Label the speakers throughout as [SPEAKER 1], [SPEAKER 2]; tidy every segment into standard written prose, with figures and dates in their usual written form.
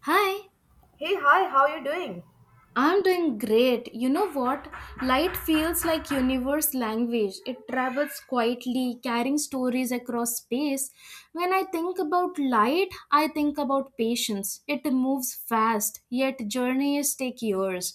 [SPEAKER 1] Hi,
[SPEAKER 2] Hey, hi, how are you doing?
[SPEAKER 1] I'm doing great. You know what? Light feels like universe language. It travels quietly, carrying stories across space. When I think about light, I think about patience. It moves fast, yet journeys take years.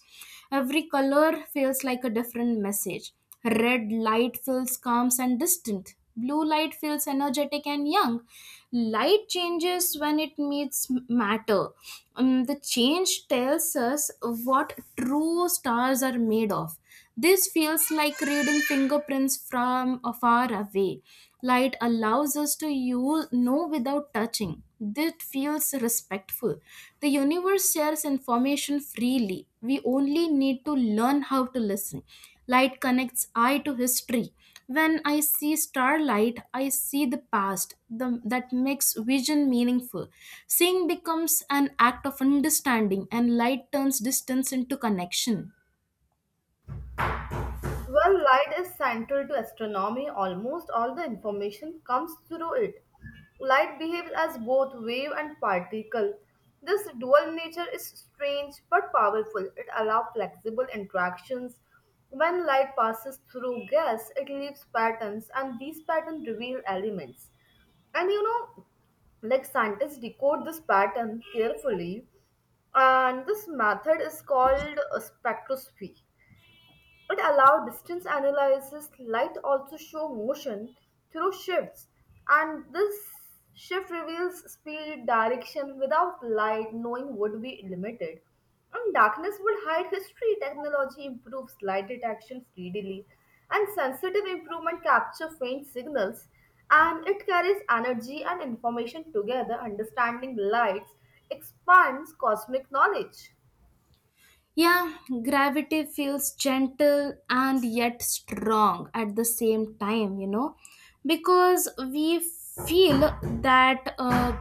[SPEAKER 1] Every color feels like a different message. Red light feels calm and distant. Blue light feels energetic and young. Light changes when it meets matter. The change tells us what true stars are made of. This feels like reading fingerprints from a far away. Light allows us to without touching. This feels respectful. The universe shares information freely. We only need to learn how to listen. Light connects eye to history. When I see starlight, I see the past. That makes vision meaningful. Seeing becomes an act of understanding, and light turns distance into connection.
[SPEAKER 2] Well, light is central to astronomy. Almost all the information comes through it. Light behaves as both wave and particle. This dual nature is strange but powerful. It allows flexible interactions. When light passes through gas, it leaves patterns, and these patterns reveal elements. And you know, like scientists decode this pattern carefully, and this method is called a spectroscopy. It allows distance analysis. Light also show motion through shifts, and this shift reveals speed direction. Without light, knowing would be limited, and darkness would hide history. Technology improves light detection speedily, and sensitive improvement capture faint signals, and it carries energy and information together. Understanding lights expands cosmic knowledge.
[SPEAKER 1] Yeah, gravity feels gentle and yet strong at the same time, you know, because we feel that uh,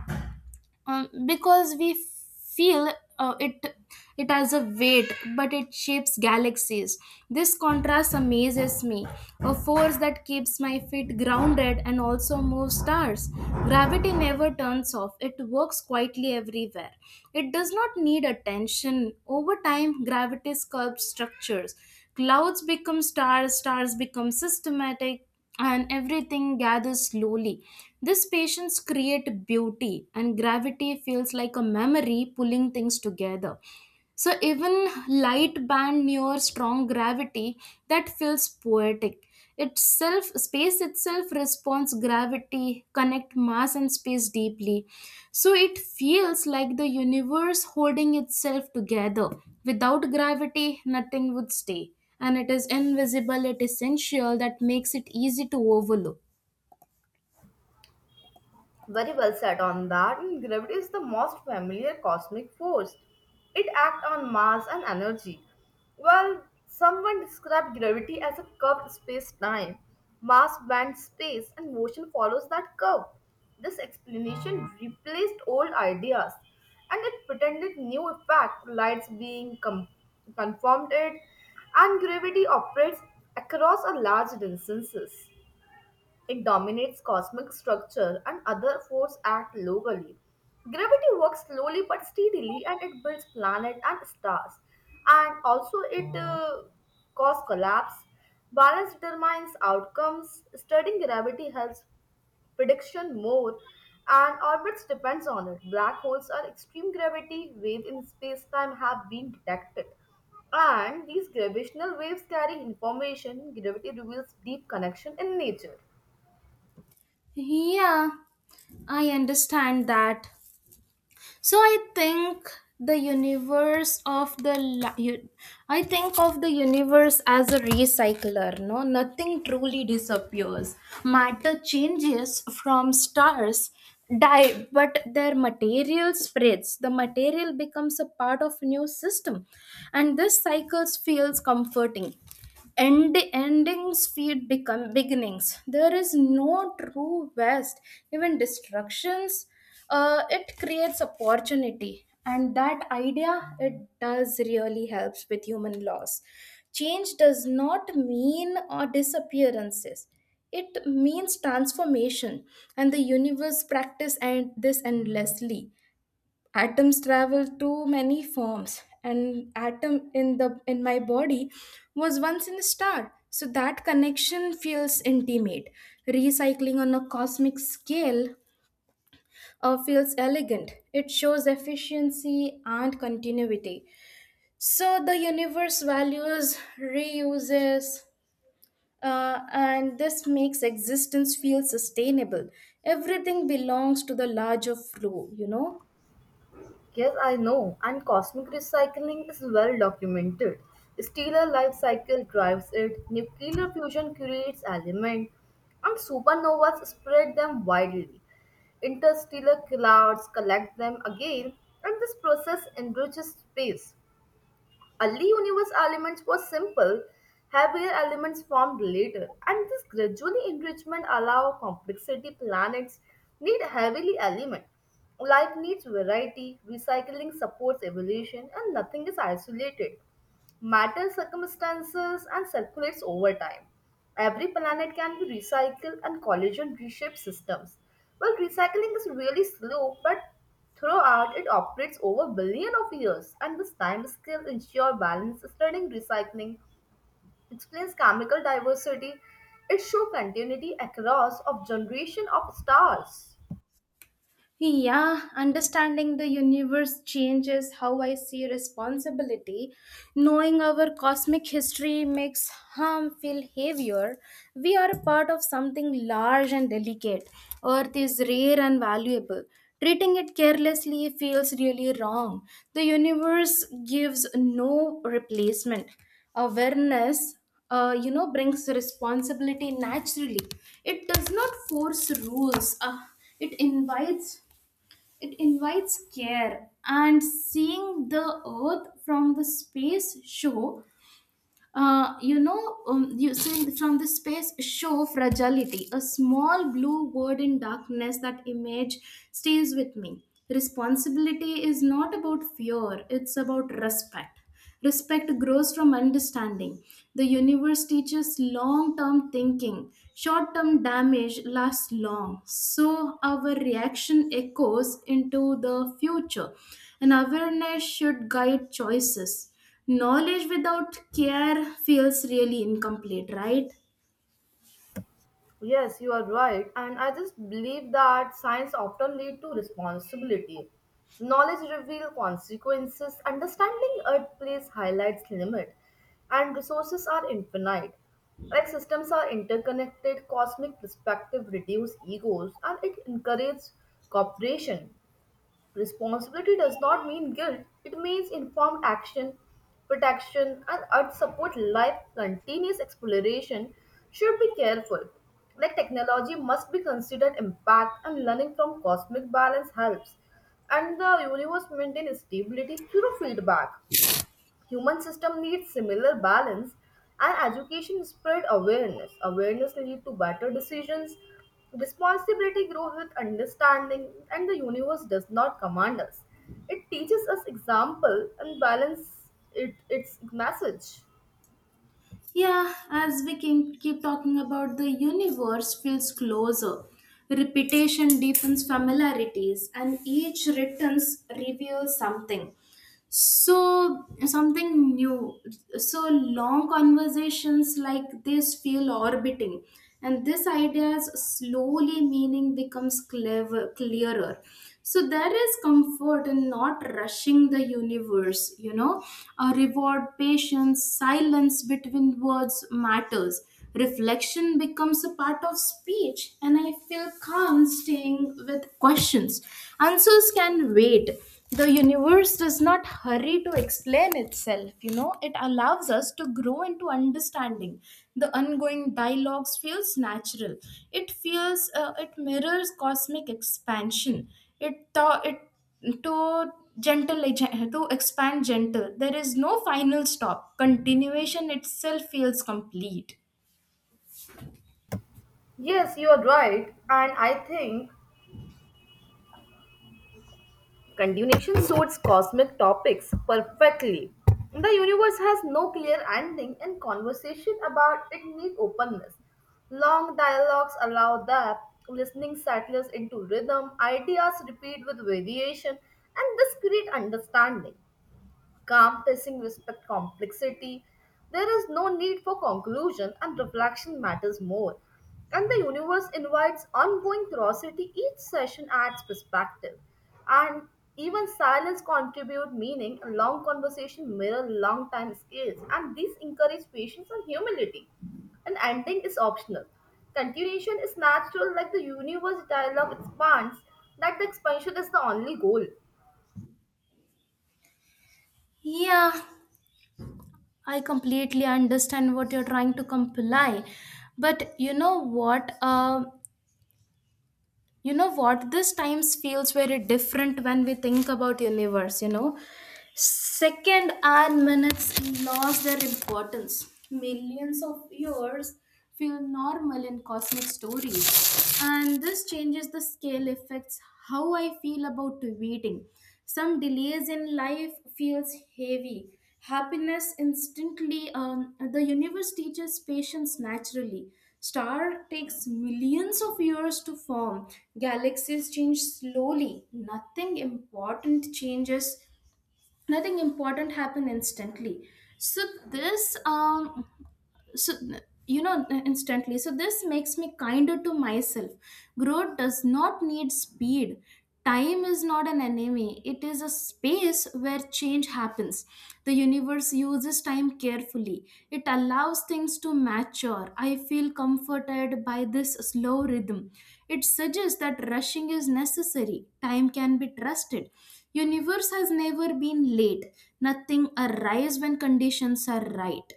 [SPEAKER 1] um, because we feel it has a weight, but it shapes galaxies. This contrast amazes me, a force that keeps my feet grounded and also moves stars. Gravity never turns off. It works quietly everywhere. It does not need attention. Over time, gravity sculpts structures. Clouds become stars, stars become systematic, and everything gathers slowly. This patience creates beauty, and gravity feels like a memory pulling things together. So even light band near strong gravity, that feels poetic. Itself space itself responds gravity, connect mass and space deeply. So it feels like the universe holding itself together. Without gravity, nothing would stay. And it is invisible, it is essential that makes it easy to overlook.
[SPEAKER 2] Very well said on that, and gravity is the most familiar cosmic force. It acts on mass and energy. Well, someone described gravity as a curved space time, mass bends space, and motion follows that curve. This explanation replaced old ideas and it pretended new effect, conformed it, and gravity operates across a large distances. It dominates cosmic structure and other forces act locally. Gravity works slowly but steadily and it builds planets and stars. And also it causes collapse. Balance determines outcomes. Studying gravity helps prediction more and orbits depends on it. Black holes or extreme gravity waves in space-time have been detected. And these gravitational waves carry information. Gravity reveals deep connection in nature.
[SPEAKER 1] Yeah, I understand that. So I think the universe of the la- u- I think of the universe as a recycler. No, nothing truly disappears. Matter changes. From stars die, but their material spreads. The material becomes a part of new system, and this cycle feels comforting. Endings feed become beginnings. There is no true West. Even destructions, it creates opportunity. And that idea, it does really helps with human loss. Change does not mean or disappearances. It means transformation, and the universe practice and this endlessly. Atoms travel through many forms. An atom in the in my body was once in a star, so that connection feels intimate. Recycling on a cosmic scale, feels elegant. It shows efficiency and continuity. So the universe values reuses, and this makes existence feel sustainable. Everything belongs to the larger flow, you know.
[SPEAKER 2] Yes, I know, and cosmic recycling is well documented. Stellar life cycle drives it, nuclear fusion creates elements, and supernovas spread them widely. Interstellar clouds collect them again, and this process enriches space. Early universe elements were simple, heavier elements formed later, and this gradually enrichment allow complexity planets need heavily element. Life needs variety, recycling supports evolution, and nothing is isolated matter circumstances and circulates over time. Every planet can be recycled and collision reshape systems. Well, recycling is really slow, but throughout it operates over billion of years, and this time scale ensure balance. Studying recycling explains chemical diversity. It shows continuity across of generation of stars.
[SPEAKER 1] Yeah, understanding the universe changes how I see responsibility. Knowing our cosmic history makes harm feel heavier. We are a part of something large and delicate. Earth is rare and valuable. Treating it carelessly feels really wrong. The universe gives no replacement. Awareness, brings responsibility naturally. It does not force rules. It invites it invites care, and seeing the earth from the space show you see from the space show fragility, a small blue word in darkness. That image stays with me. Responsibility is not about fear; it's about respect. Respect grows from understanding. The universe teaches long term thinking. Short term damage lasts long. So, our reaction echoes into the future. And awareness should guide choices. Knowledge without care feels really incomplete, right?
[SPEAKER 2] Yes, you are right. And I just believe that science often lead to responsibility. Knowledge reveals consequences, understanding earth place highlights limit, and resources are infinite. Like systems are interconnected, cosmic perspective reduce egos, and it encourages cooperation. Responsibility does not mean guilt, it means informed action, protection, and earth support life continuous exploration should be careful. Like technology must be considered impact and learning from cosmic balance helps and the universe maintain stability through feedback. Human system needs similar balance and education spread awareness. Awareness lead to better decisions. Responsibility grows with understanding and the universe does not command us. It teaches us example and balance it, its message.
[SPEAKER 1] Yeah, as we can keep talking about, the universe feels closer. Repetition deepens familiarities, and each returns reveals something, something new. So long conversations like this feel orbiting, and this idea's slowly meaning becomes clever clearer. So there is comfort in not rushing the universe, you know, a reward patience. Silence between words matters. Reflection becomes a part of speech, and I feel calm staying with questions. Answers can wait. The universe does not hurry to explain itself, you know. It allows us to grow into understanding. The ongoing dialogues feels natural. It feels, it mirrors cosmic expansion. It tho- it to gentle, to expand gentle, there is no final stop. Continuation itself feels complete.
[SPEAKER 2] Yes, you are right. And I think continuation suits cosmic topics perfectly. The universe has no clear ending, and conversation about it needs openness. Long dialogues allow that. Listening settlers into rhythm, ideas repeat with variation, and this creates understanding. Calm pacing respect complexity. There is no need for conclusion, and reflection matters more. And the universe invites ongoing curiosity. Each session adds perspective, and even silence contribute meaning. Long conversation mirror long time scales, and these encourage patience and humility. An ending is optional. Continuation is natural, like the universe dialogue expands. That the expansion is the only goal.
[SPEAKER 1] Yeah, I completely understand what you're trying to comply. But you know what? This times feels very different when we think about universe, you know? Second, our minutes lost their importance. Millions of years feel normal in cosmic stories. And this changes the scale affects how I feel about waiting. Some delays in life feels heavy. Happiness instantly, the universe teaches patience naturally. Star takes millions of years to form. Galaxies change slowly. Nothing important happened instantly. So this so you know instantly So this makes me kinder to myself. Growth does not need speed. Time is not an enemy, it is a space where change happens. The universe uses time carefully. It allows things to mature. I feel comforted by this slow rhythm. It suggests that rushing is necessary. Time can be trusted. Universe has never been late. Nothing arrives when conditions are right.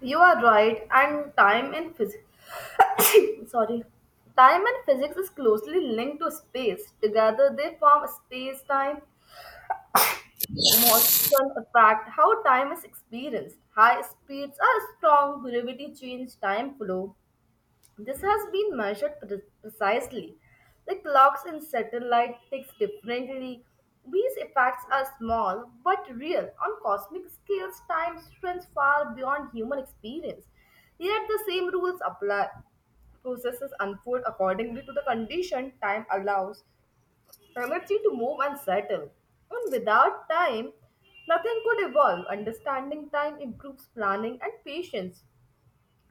[SPEAKER 2] You are right, and time in physics, sorry, time and physics is closely linked to space. Together they form space time. Motion effect how time is experienced. High speeds are strong gravity change time flow. This has been precisely. The clocks in satellite ticks differently. These effects are small but real. On cosmic scales, time runs far beyond human experience, yet the same rules apply. Processes unfold accordingly to the condition. Time allows energy to move and settle. And without time, nothing could evolve. Understanding time improves planning and patience.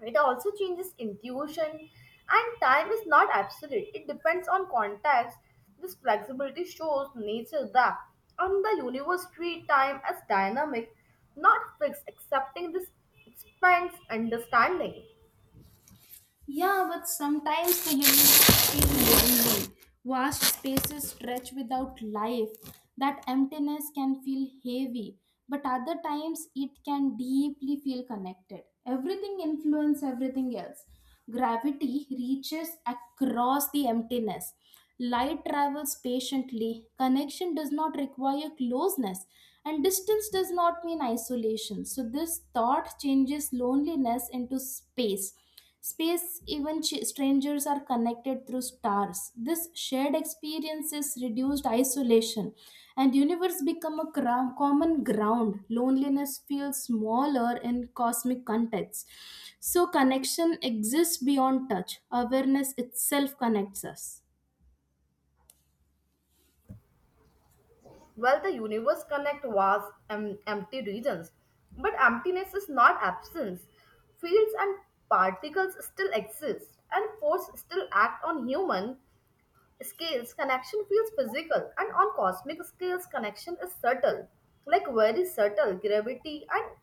[SPEAKER 2] It also changes intuition, and time is not absolute, it depends on context. This flexibility shows nature that, on the universe, treat time as dynamic, not fixed. Accepting this expands understanding.
[SPEAKER 1] Yeah, but sometimes the universe feels lonely. Vast spaces stretch without life. That emptiness can feel heavy, but other times it can deeply feel connected. Everything influences everything else. Gravity reaches across the emptiness. Light travels patiently. Connection does not require closeness, and distance does not mean isolation. So, this thought changes loneliness into space. Space, even strangers are connected through stars. This shared experiences reduced isolation, and universe become a common ground. Loneliness feels smaller in cosmic context. So connection exists beyond touch. Awareness itself connects us.
[SPEAKER 2] Well, the universe connect vast empty regions, but emptiness is not absence. Fields and particles still exist, and force still act on human scales. Connection feels physical, and on cosmic scales, connection is subtle, like very subtle. Gravity and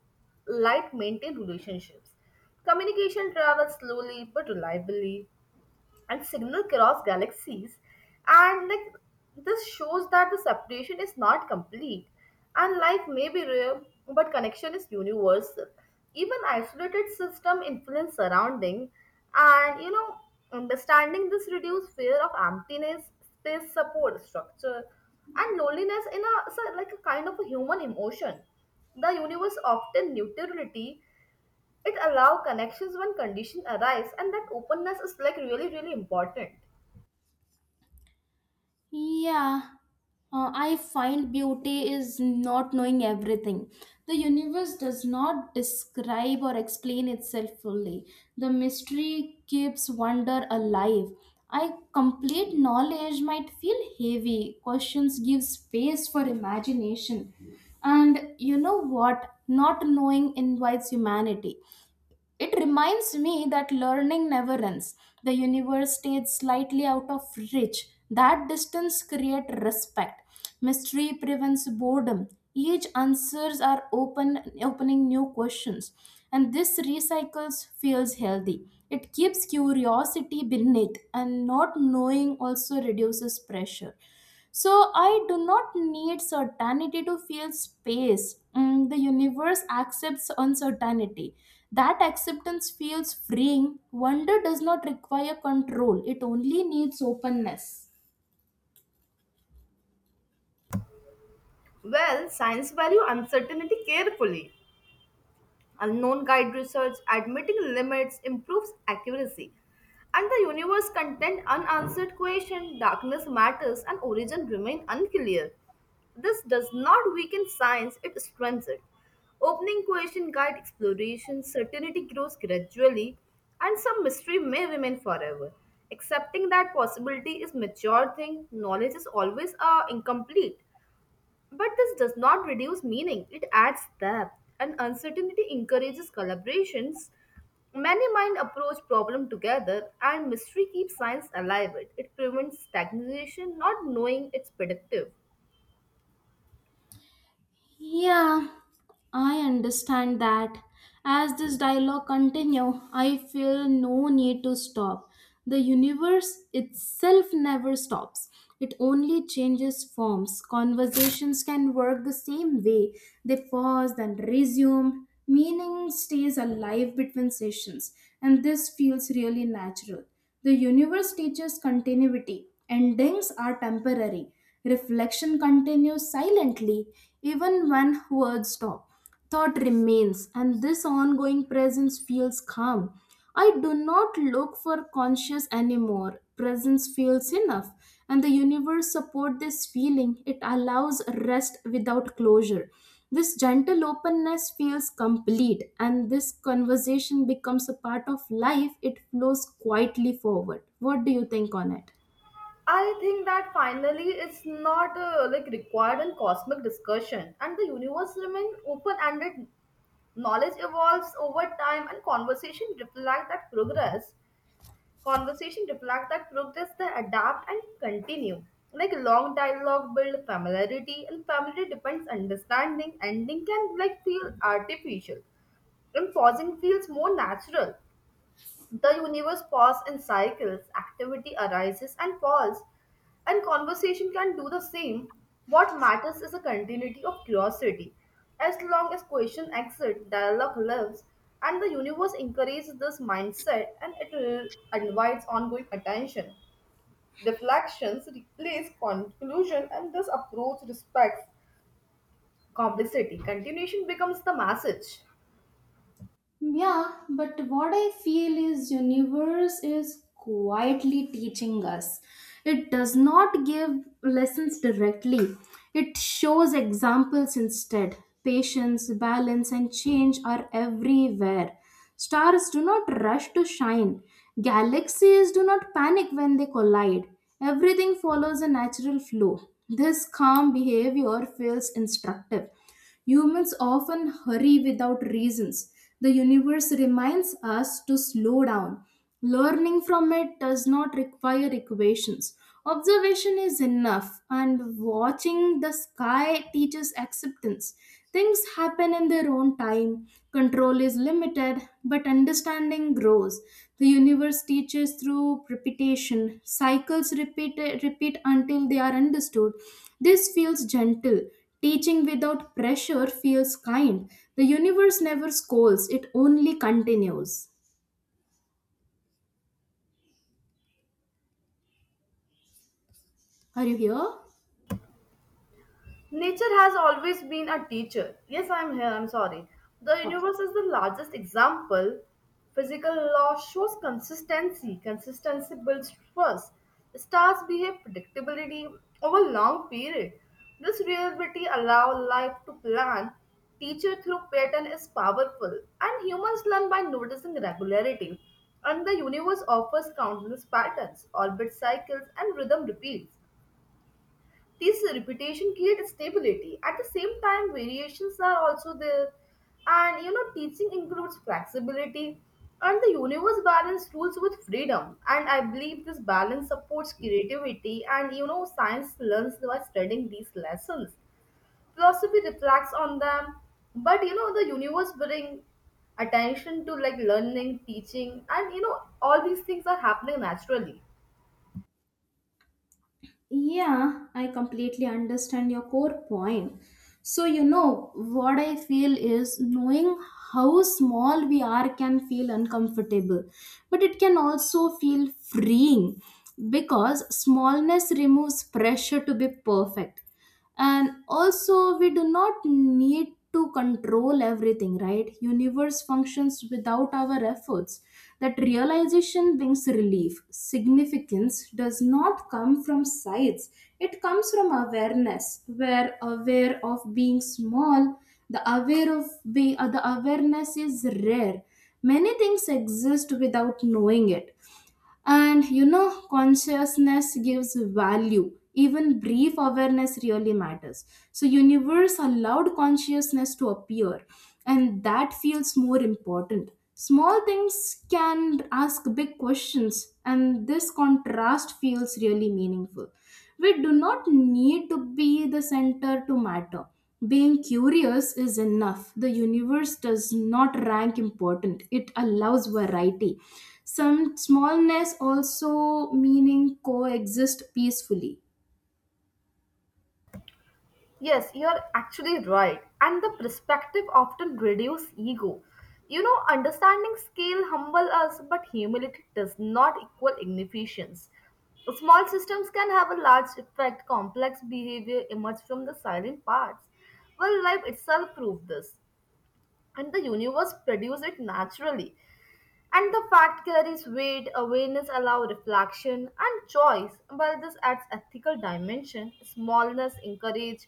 [SPEAKER 2] light maintain relationships. Communication travels slowly but reliably, and signal across galaxies, and like, this shows that the separation is not complete, and life may be rare but connection is universal. Even isolated system influence surrounding, and you know, understanding this reduce fear of emptiness. Space support structure, and loneliness in a so like a kind of a human emotion. The universe often neutrality. It allow connections when conditions arise, and that openness is like really really important.
[SPEAKER 1] Yeah, I find beauty is not knowing everything. The universe does not describe or explain itself fully. The mystery keeps wonder alive. I complete knowledge might feel heavy. Questions give space for imagination. And you know what? Not knowing invites humanity. It reminds me that learning never ends. The universe stays slightly out of reach. That distance creates respect. Mystery prevents boredom. Each answers are open, opening new questions, and this recycles feels healthy. It keeps curiosity beneath, and not knowing also reduces pressure. So I do not need certainty to feel space. Mm, the universe accepts uncertainty. That acceptance feels freeing. Wonder does not require control, it only needs openness.
[SPEAKER 2] Well, science value uncertainty carefully. Unknown guide research admitting limits improves accuracy. And the universe contains unanswered questions. Darkness matters, and origin remain unclear. This does not weaken science, it strengthens it. Opening question guide exploration, certainty grows gradually, and some mystery may remain forever. Accepting that possibility is mature thing. Knowledge is always incomplete. But this does not reduce meaning, it adds depth, and uncertainty encourages collaborations. Many minds approach problem together, and mystery keeps science alive. It prevents stagnation. Not knowing it's predictive.
[SPEAKER 1] Yeah, I understand that. As this dialogue continues, I feel no need to stop. The universe itself never stops. It only changes forms. Conversations can work the same way. They pause and resume. Meaning stays alive between sessions, and this feels really natural. The universe teaches continuity. Endings are temporary. Reflection continues silently, even when words stop. Thought remains, and this ongoing presence feels calm. I do not look for conscious anymore. Presence feels enough, and the universe support this feeling. It allows rest without closure. This gentle openness feels complete, and this conversation becomes a part of life. It flows quietly forward. What do you think on it?
[SPEAKER 2] I think that finally it's not like required in cosmic discussion, and the universe remains open-ended. Knowledge evolves over time, and conversation reflect that progress. Conversation reflect that progress, they adapt and continue. Like long dialogue build familiarity, and familiarity depends understanding. Ending can like feel artificial, and pausing feels more natural. The universe pauses in cycles, activity arises and falls, and conversation can do the same. What matters is a continuity of curiosity. As long as question exist, dialogue lives, and the universe encourages this mindset, and it invites ongoing attention. Reflections replace conclusion, and this approach respects complexity. Continuation becomes the message.
[SPEAKER 1] Yeah, but what I feel is universe is quietly teaching us. It does not give lessons directly. It shows examples instead. Patience, balance and change are everywhere. Stars do not rush to shine. Galaxies do not panic when they collide. Everything follows a natural flow. This calm behavior feels instructive. Humans often hurry without reasons. The universe reminds us to slow down. Learning from it does not require equations. Observation is enough, and watching the sky teaches acceptance. Things happen in their own time. Control is limited, but understanding grows. The universe teaches through repetition. Cycles repeat, until they are understood. This feels gentle. Teaching without pressure feels kind. The universe never scolds, it only continues. Are you here?
[SPEAKER 2] Nature has always been a teacher. Yes, I'm here, I'm sorry. The
[SPEAKER 1] Okay.
[SPEAKER 2] universe is the largest example. Physical law shows consistency. Consistency builds trust. Stars behave predictability over long period. This reality allow life to plan. Teacher through pattern is powerful, and humans learn by noticing regularity. And the universe offers countless patterns, orbit cycles, and rhythm repeats. This repetition creates stability. At the same time, variations are also there. And you know, teaching includes flexibility. And the universe balance rules with freedom. And I believe this balance supports creativity. And you know, science learns by studying these lessons. Philosophy reflects on them. But you know, the universe brings attention to like learning, teaching, and you know, all these things are happening naturally.
[SPEAKER 1] Yeah, I completely understand your core point. So, you know, what I feel is knowing how small we are can feel uncomfortable, but it can also feel freeing because smallness removes pressure to be perfect. And also, we do not need to control everything, right? Universe functions without our efforts. That realization brings relief. Significance does not come from sights, it comes from awareness. We're aware of being small. The aware of be, uh, the awareness is rare. Many things exist without knowing it, and you know, consciousness gives value. Even brief awareness really matters. So universe allowed consciousness to appear, and that feels more important. Small things can ask big questions, and this contrast feels really meaningful. We do not need to be the center to matter. Being curious is enough. The universe does not rank important, it allows variety. Some smallness also meaning coexist peacefully.
[SPEAKER 2] Yes, you're actually right. And the perspective often reduces ego. You know, understanding scale humble us, but humility does not equal inefficiency. Small systems can have a large effect. Complex behavior emerge from the silent parts. Well, life itself proved this, and the universe produced it naturally. And the fact carries weight, awareness allows reflection and choice, but this adds ethical dimension. Smallness encourages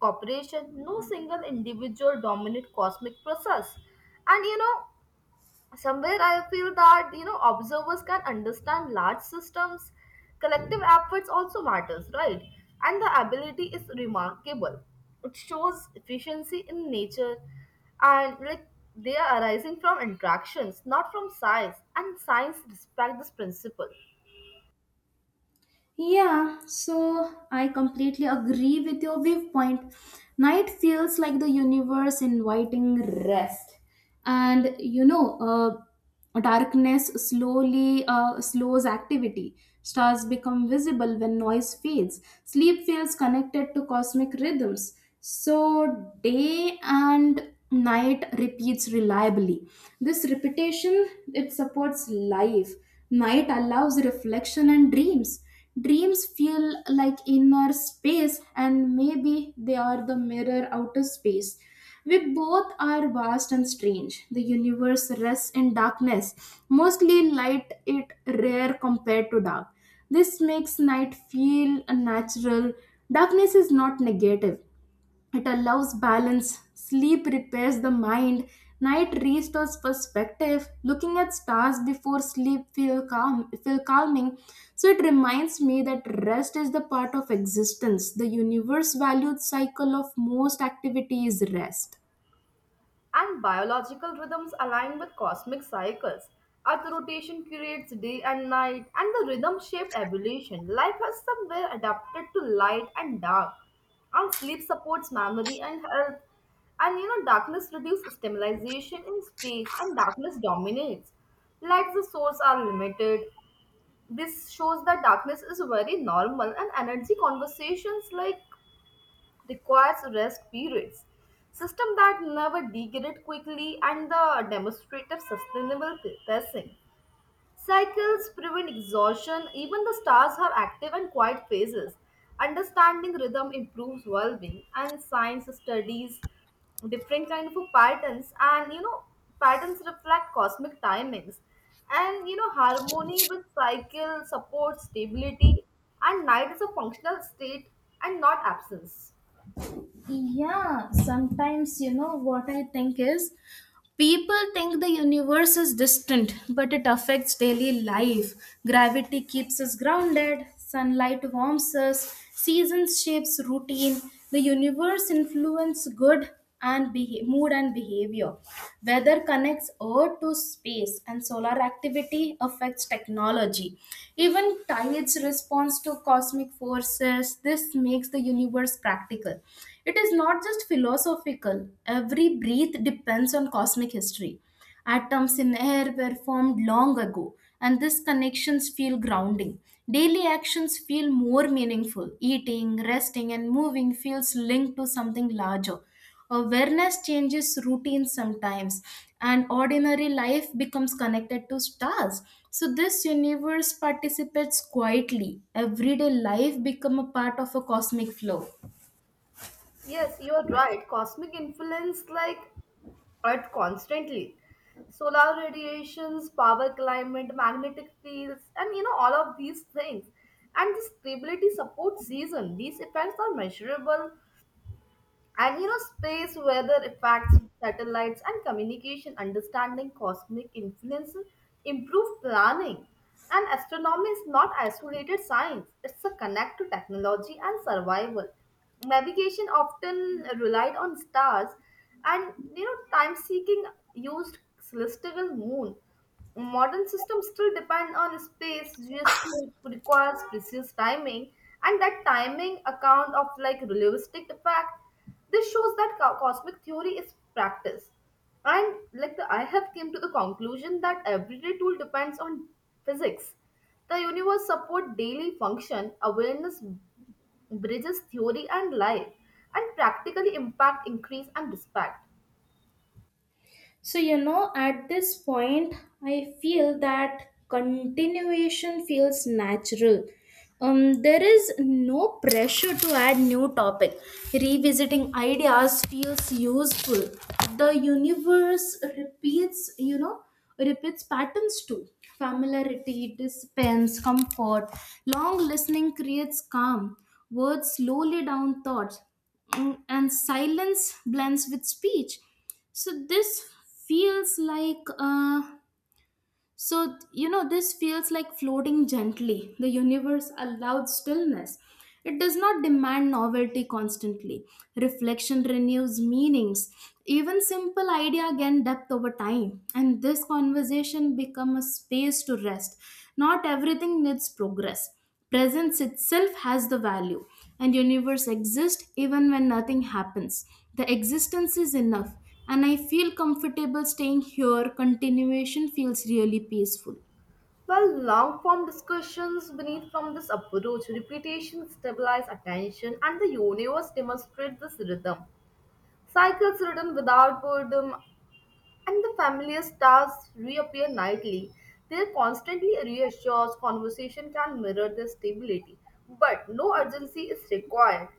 [SPEAKER 2] cooperation. No single individual dominates cosmic process. And you know, somewhere I feel that, you know, observers can understand large systems. Collective efforts also matters, right? And the ability is remarkable. It shows efficiency in nature, and like, they are arising from interactions, not from science, and science respect this principle.
[SPEAKER 1] Yeah, so I completely agree with your viewpoint. Night feels like the universe inviting rest. And you know, darkness slowly slows activity. Stars become visible when noise fades. Sleep feels connected to cosmic rhythms. So day and night repeats reliably. This repetition, it supports life. Night allows reflection and dreams. Dreams feel like inner space, and maybe they are the mirror outer space. We both are vast and strange. The universe rests in darkness, mostly light, it rare compared to dark. This makes night feel natural. Darkness is not negative, it allows balance. Sleep repairs the mind. Night restores perspective. Looking at stars before sleep feel calm, feel calming. So it reminds me that rest is the part of existence. The universe valued cycle of most activity is rest.
[SPEAKER 2] And biological rhythms align with cosmic cycles. Earth rotation creates day and night, and the rhythm shaped evolution. Life has somewhere adapted to light and dark, and sleep supports memory and health. And you know, darkness reduces stimulation in space, and darkness dominates. Lights the source are limited. This shows that darkness is very normal, and energy conversations like requires rest periods, system that never degrade quickly, and the demonstrative sustainable pacing. Cycles prevent exhaustion, even the stars have active and quiet phases. Understanding rhythm improves well-being, and science studies different kind of patterns, and you know patterns reflect cosmic timings. And you know harmony with cycle supports stability, and night is a functional state and not absence.
[SPEAKER 1] Yeah, sometimes you know what I think is people think the universe is distant, but it affects daily life. Gravity keeps us grounded, sunlight warms us, seasons shapes routine. The universe influence good and mood and behavior. Weather. Weather connects Earth to space, and solar activity affects technology. Even tides respond to cosmic forces. This makes the universe practical. It is not just philosophical, every breath depends on cosmic history, atoms in air were formed long ago, and these connections feel grounding. Daily actions feel more meaningful. Eating, resting, and moving feels linked to something larger. Awareness changes routine sometimes, and ordinary life becomes connected to stars. So this universe participates quietly. Everyday life become a part of a cosmic flow.
[SPEAKER 2] Yes, you are right. Cosmic influence like Earth constantly. Solar radiations, power climate, magnetic fields, and you know, all of these things. And the stability supports season. These effects are measurable, and you know, space weather effects, satellites, and communication, understanding cosmic influence, improve planning. And astronomy is not isolated science, it's a connect to technology and survival. Navigation often relied on stars, and you know, time seeking used celestial moon. Modern systems still depend on space, just requires precise timing, and that timing account of like relativistic effect. This shows that cosmic theory is practice, and like the, I have came to the conclusion that everyday tool depends on physics. The universe support daily function. Awareness bridges theory and life, and practically impact increase and respect.
[SPEAKER 1] So, you know, at this point, I feel that continuation feels natural. There is no pressure to add new topic. Revisiting ideas feels useful. The universe repeats, you know, repeats patterns too. Familiarity dispense comfort. Long listening creates calm. Words slowly down thoughts, and silence blends with speech, so this feels like floating gently. The universe allowed stillness. It does not demand novelty constantly. Reflection renews meanings. Even simple idea gain depth over time, and this conversation become a space to rest. Not everything needs progress. Presence itself has the value, and universe exists even when nothing happens. The existence is enough, and I feel comfortable staying here. Continuation feels really peaceful.
[SPEAKER 2] Well, long form discussions beneath from this approach, repetition stabilize attention, and the universe demonstrates this rhythm. Cycles written without boredom, and the familiar stars reappear nightly. Their constantly reassures conversation can mirror their stability, but no urgency is required.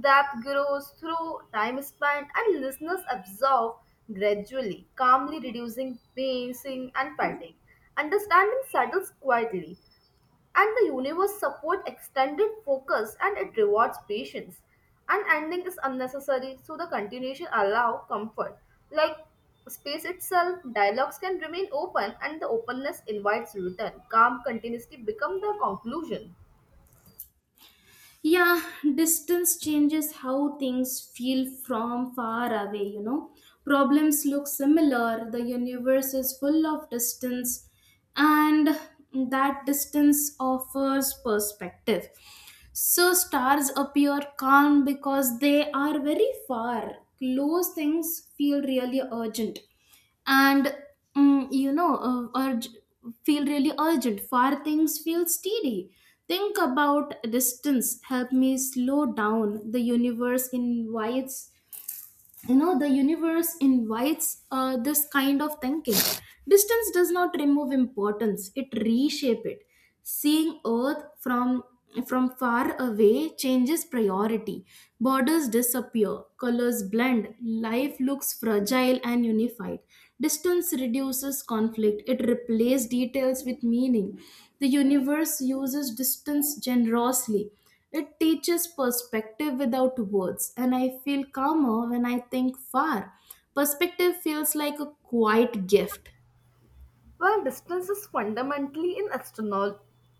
[SPEAKER 2] That grows through time span, and listeners absorb gradually, calmly reducing pacing and fatigue. Understanding settles quietly, and the universe support extended focus, and it rewards patience. An ending is unnecessary, so the continuation allow comfort, like space itself. Dialogues can remain open, and the openness invites return. Calm continuously become the conclusion.
[SPEAKER 1] Yeah, distance changes how things feel from far away, you know. Problems look similar, the universe is full of distance, and that distance offers perspective. So stars appear calm because they are very far. Close things feel really urgent, and urge feel really urgent. Far things feel steady. Think about distance. Help me slow down. The universe invites, this kind of thinking. Distance does not remove importance, it reshape it. Seeing earth from far away changes priority. Borders disappear, colors blend, life looks fragile and unified. Distance reduces conflict, it replaces details with meaning. The universe uses distance generously. It teaches perspective without words, and I feel calmer when I think far. Perspective feels like a quiet gift.
[SPEAKER 2] While distance is fundamentally in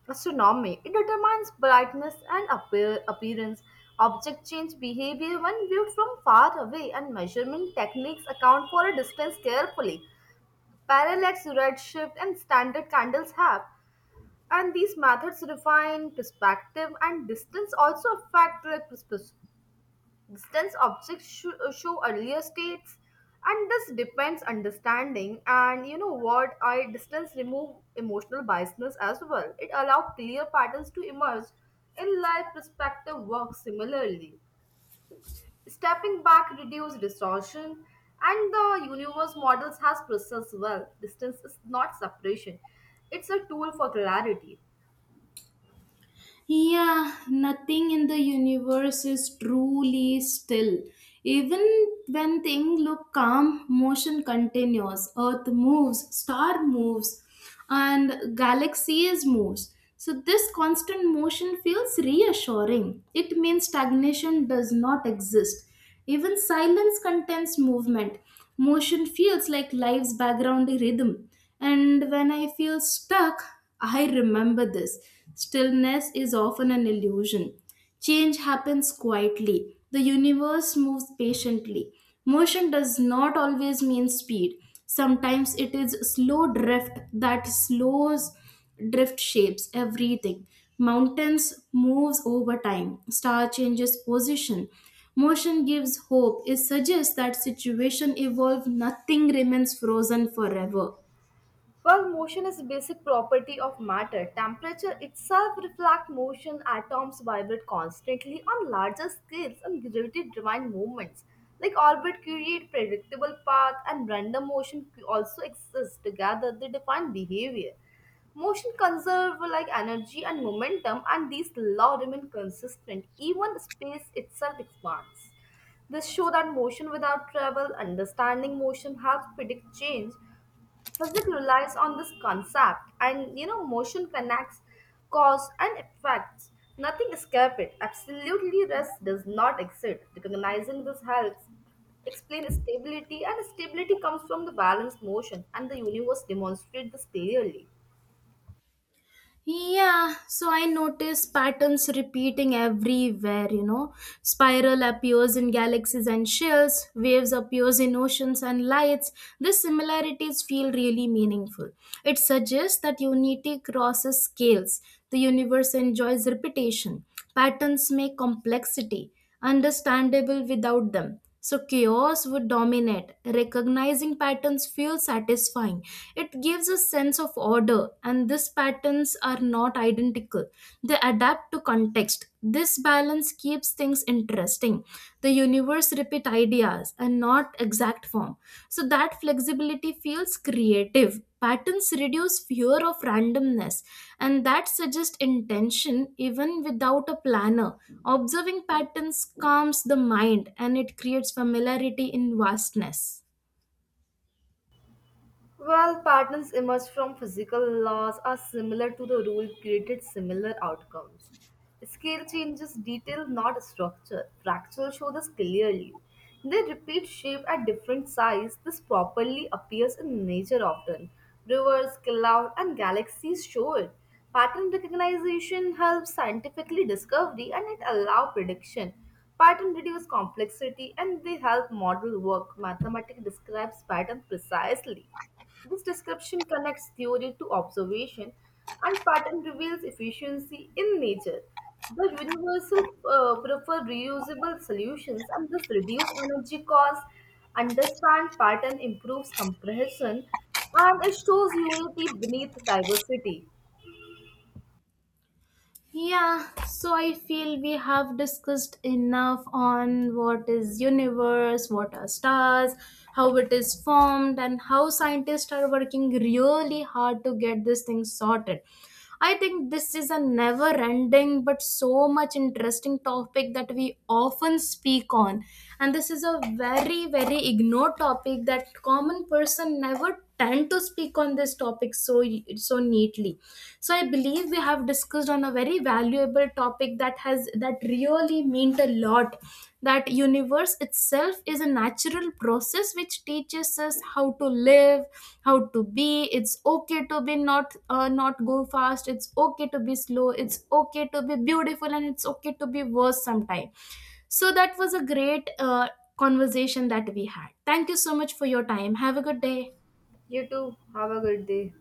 [SPEAKER 2] astronomy, it determines brightness and appearance. Object change behavior when viewed from far away, and measurement techniques account for a distance carefully. Parallax, redshift, and standard candles have, and these methods refine perspective, and distance also affect distance. Objects show earlier states, and this depends understanding, and you know what, I distance remove emotional biasness as well. It allow clear patterns to emerge in life. Perspective works similarly. Stepping back reduces distortion, and the universe models has processed well. Distance is not separation, it's a tool for clarity.
[SPEAKER 1] Yeah, nothing in the universe is truly still. Even when things look calm, motion continues. Earth moves, star moves, and galaxies moves. So this constant motion feels reassuring. It means stagnation does not exist. Even silence contains movement. Motion feels like life's background rhythm. And when I feel stuck, I remember this. Stillness is often an illusion. Change happens quietly. The universe moves patiently. Motion does not always mean speed. Sometimes it is slow drift that slows drift shapes everything. Mountains moves over time. Star changes position. Motion gives hope. It suggests that situation evolve. Nothing remains frozen forever.
[SPEAKER 2] While motion is a basic property of matter. Temperature itself reflects motion. Atoms vibrate constantly on larger scales and gravity-driven movements. Like orbit create predictable path, and random motion also exists. Together they define behavior. Motion conserve like energy and momentum, and these law remain consistent. Even space itself expands. This show that motion without travel, understanding motion helps predict change. Physics relies on this concept, and you know motion connects cause and effects. Nothing escape it. Absolutely rest does not exist. Recognizing this helps explain stability, and stability comes from the balanced motion, and the universe demonstrates this clearly.
[SPEAKER 1] Yeah, so I notice patterns repeating everywhere, you know. Spiral appears in galaxies and shells, waves appears in oceans and lights. These similarities feel really meaningful. It suggests that unity crosses scales. The universe enjoys repetition. Patterns make complexity understandable. Without them, so chaos would dominate. Recognizing patterns feels satisfying. It gives a sense of order, and these patterns are not identical. They adapt to context. This balance keeps things interesting. The universe repeat ideas and not exact form. So that flexibility feels creative. Patterns reduce fear of randomness, and that suggests intention even without a planner. Observing patterns calms the mind, and it creates familiarity in vastness.
[SPEAKER 2] Well, patterns emerge from physical laws are similar to the rule created similar outcomes. Scale changes detail, not structure. Fractals show this clearly. They repeat shape at different size. This properly appears in nature often. Rivers, clouds, and galaxies show it. Pattern recognition helps scientifically discovery, and it allows prediction. Pattern reduce complexity, and they help model work. Mathematics describes pattern precisely. This description connects theory to observation, and pattern reveals efficiency in nature. The universal prefer reusable solutions, and this reduce energy costs. Understand pattern improves comprehension, and it shows unity beneath diversity.
[SPEAKER 1] Yeah, so I feel we have discussed enough on what is universe, what are stars, how it is formed and how scientists are working really hard to get this thing sorted. I think this is a never ending but so much interesting topic that we often speak on, and this is a very very ignored topic that common person never and to speak on this topic so so neatly. So I believe we have discussed on a very valuable topic that has that really meant a lot, that universe itself is a natural process which teaches us how to live, how to be. It's okay to be not go fast, it's okay to be slow, it's okay to be beautiful, and it's okay to be worse sometime. So that was a great conversation that we had. Thank you so much for your time, have a good day.
[SPEAKER 2] You too, have a good day.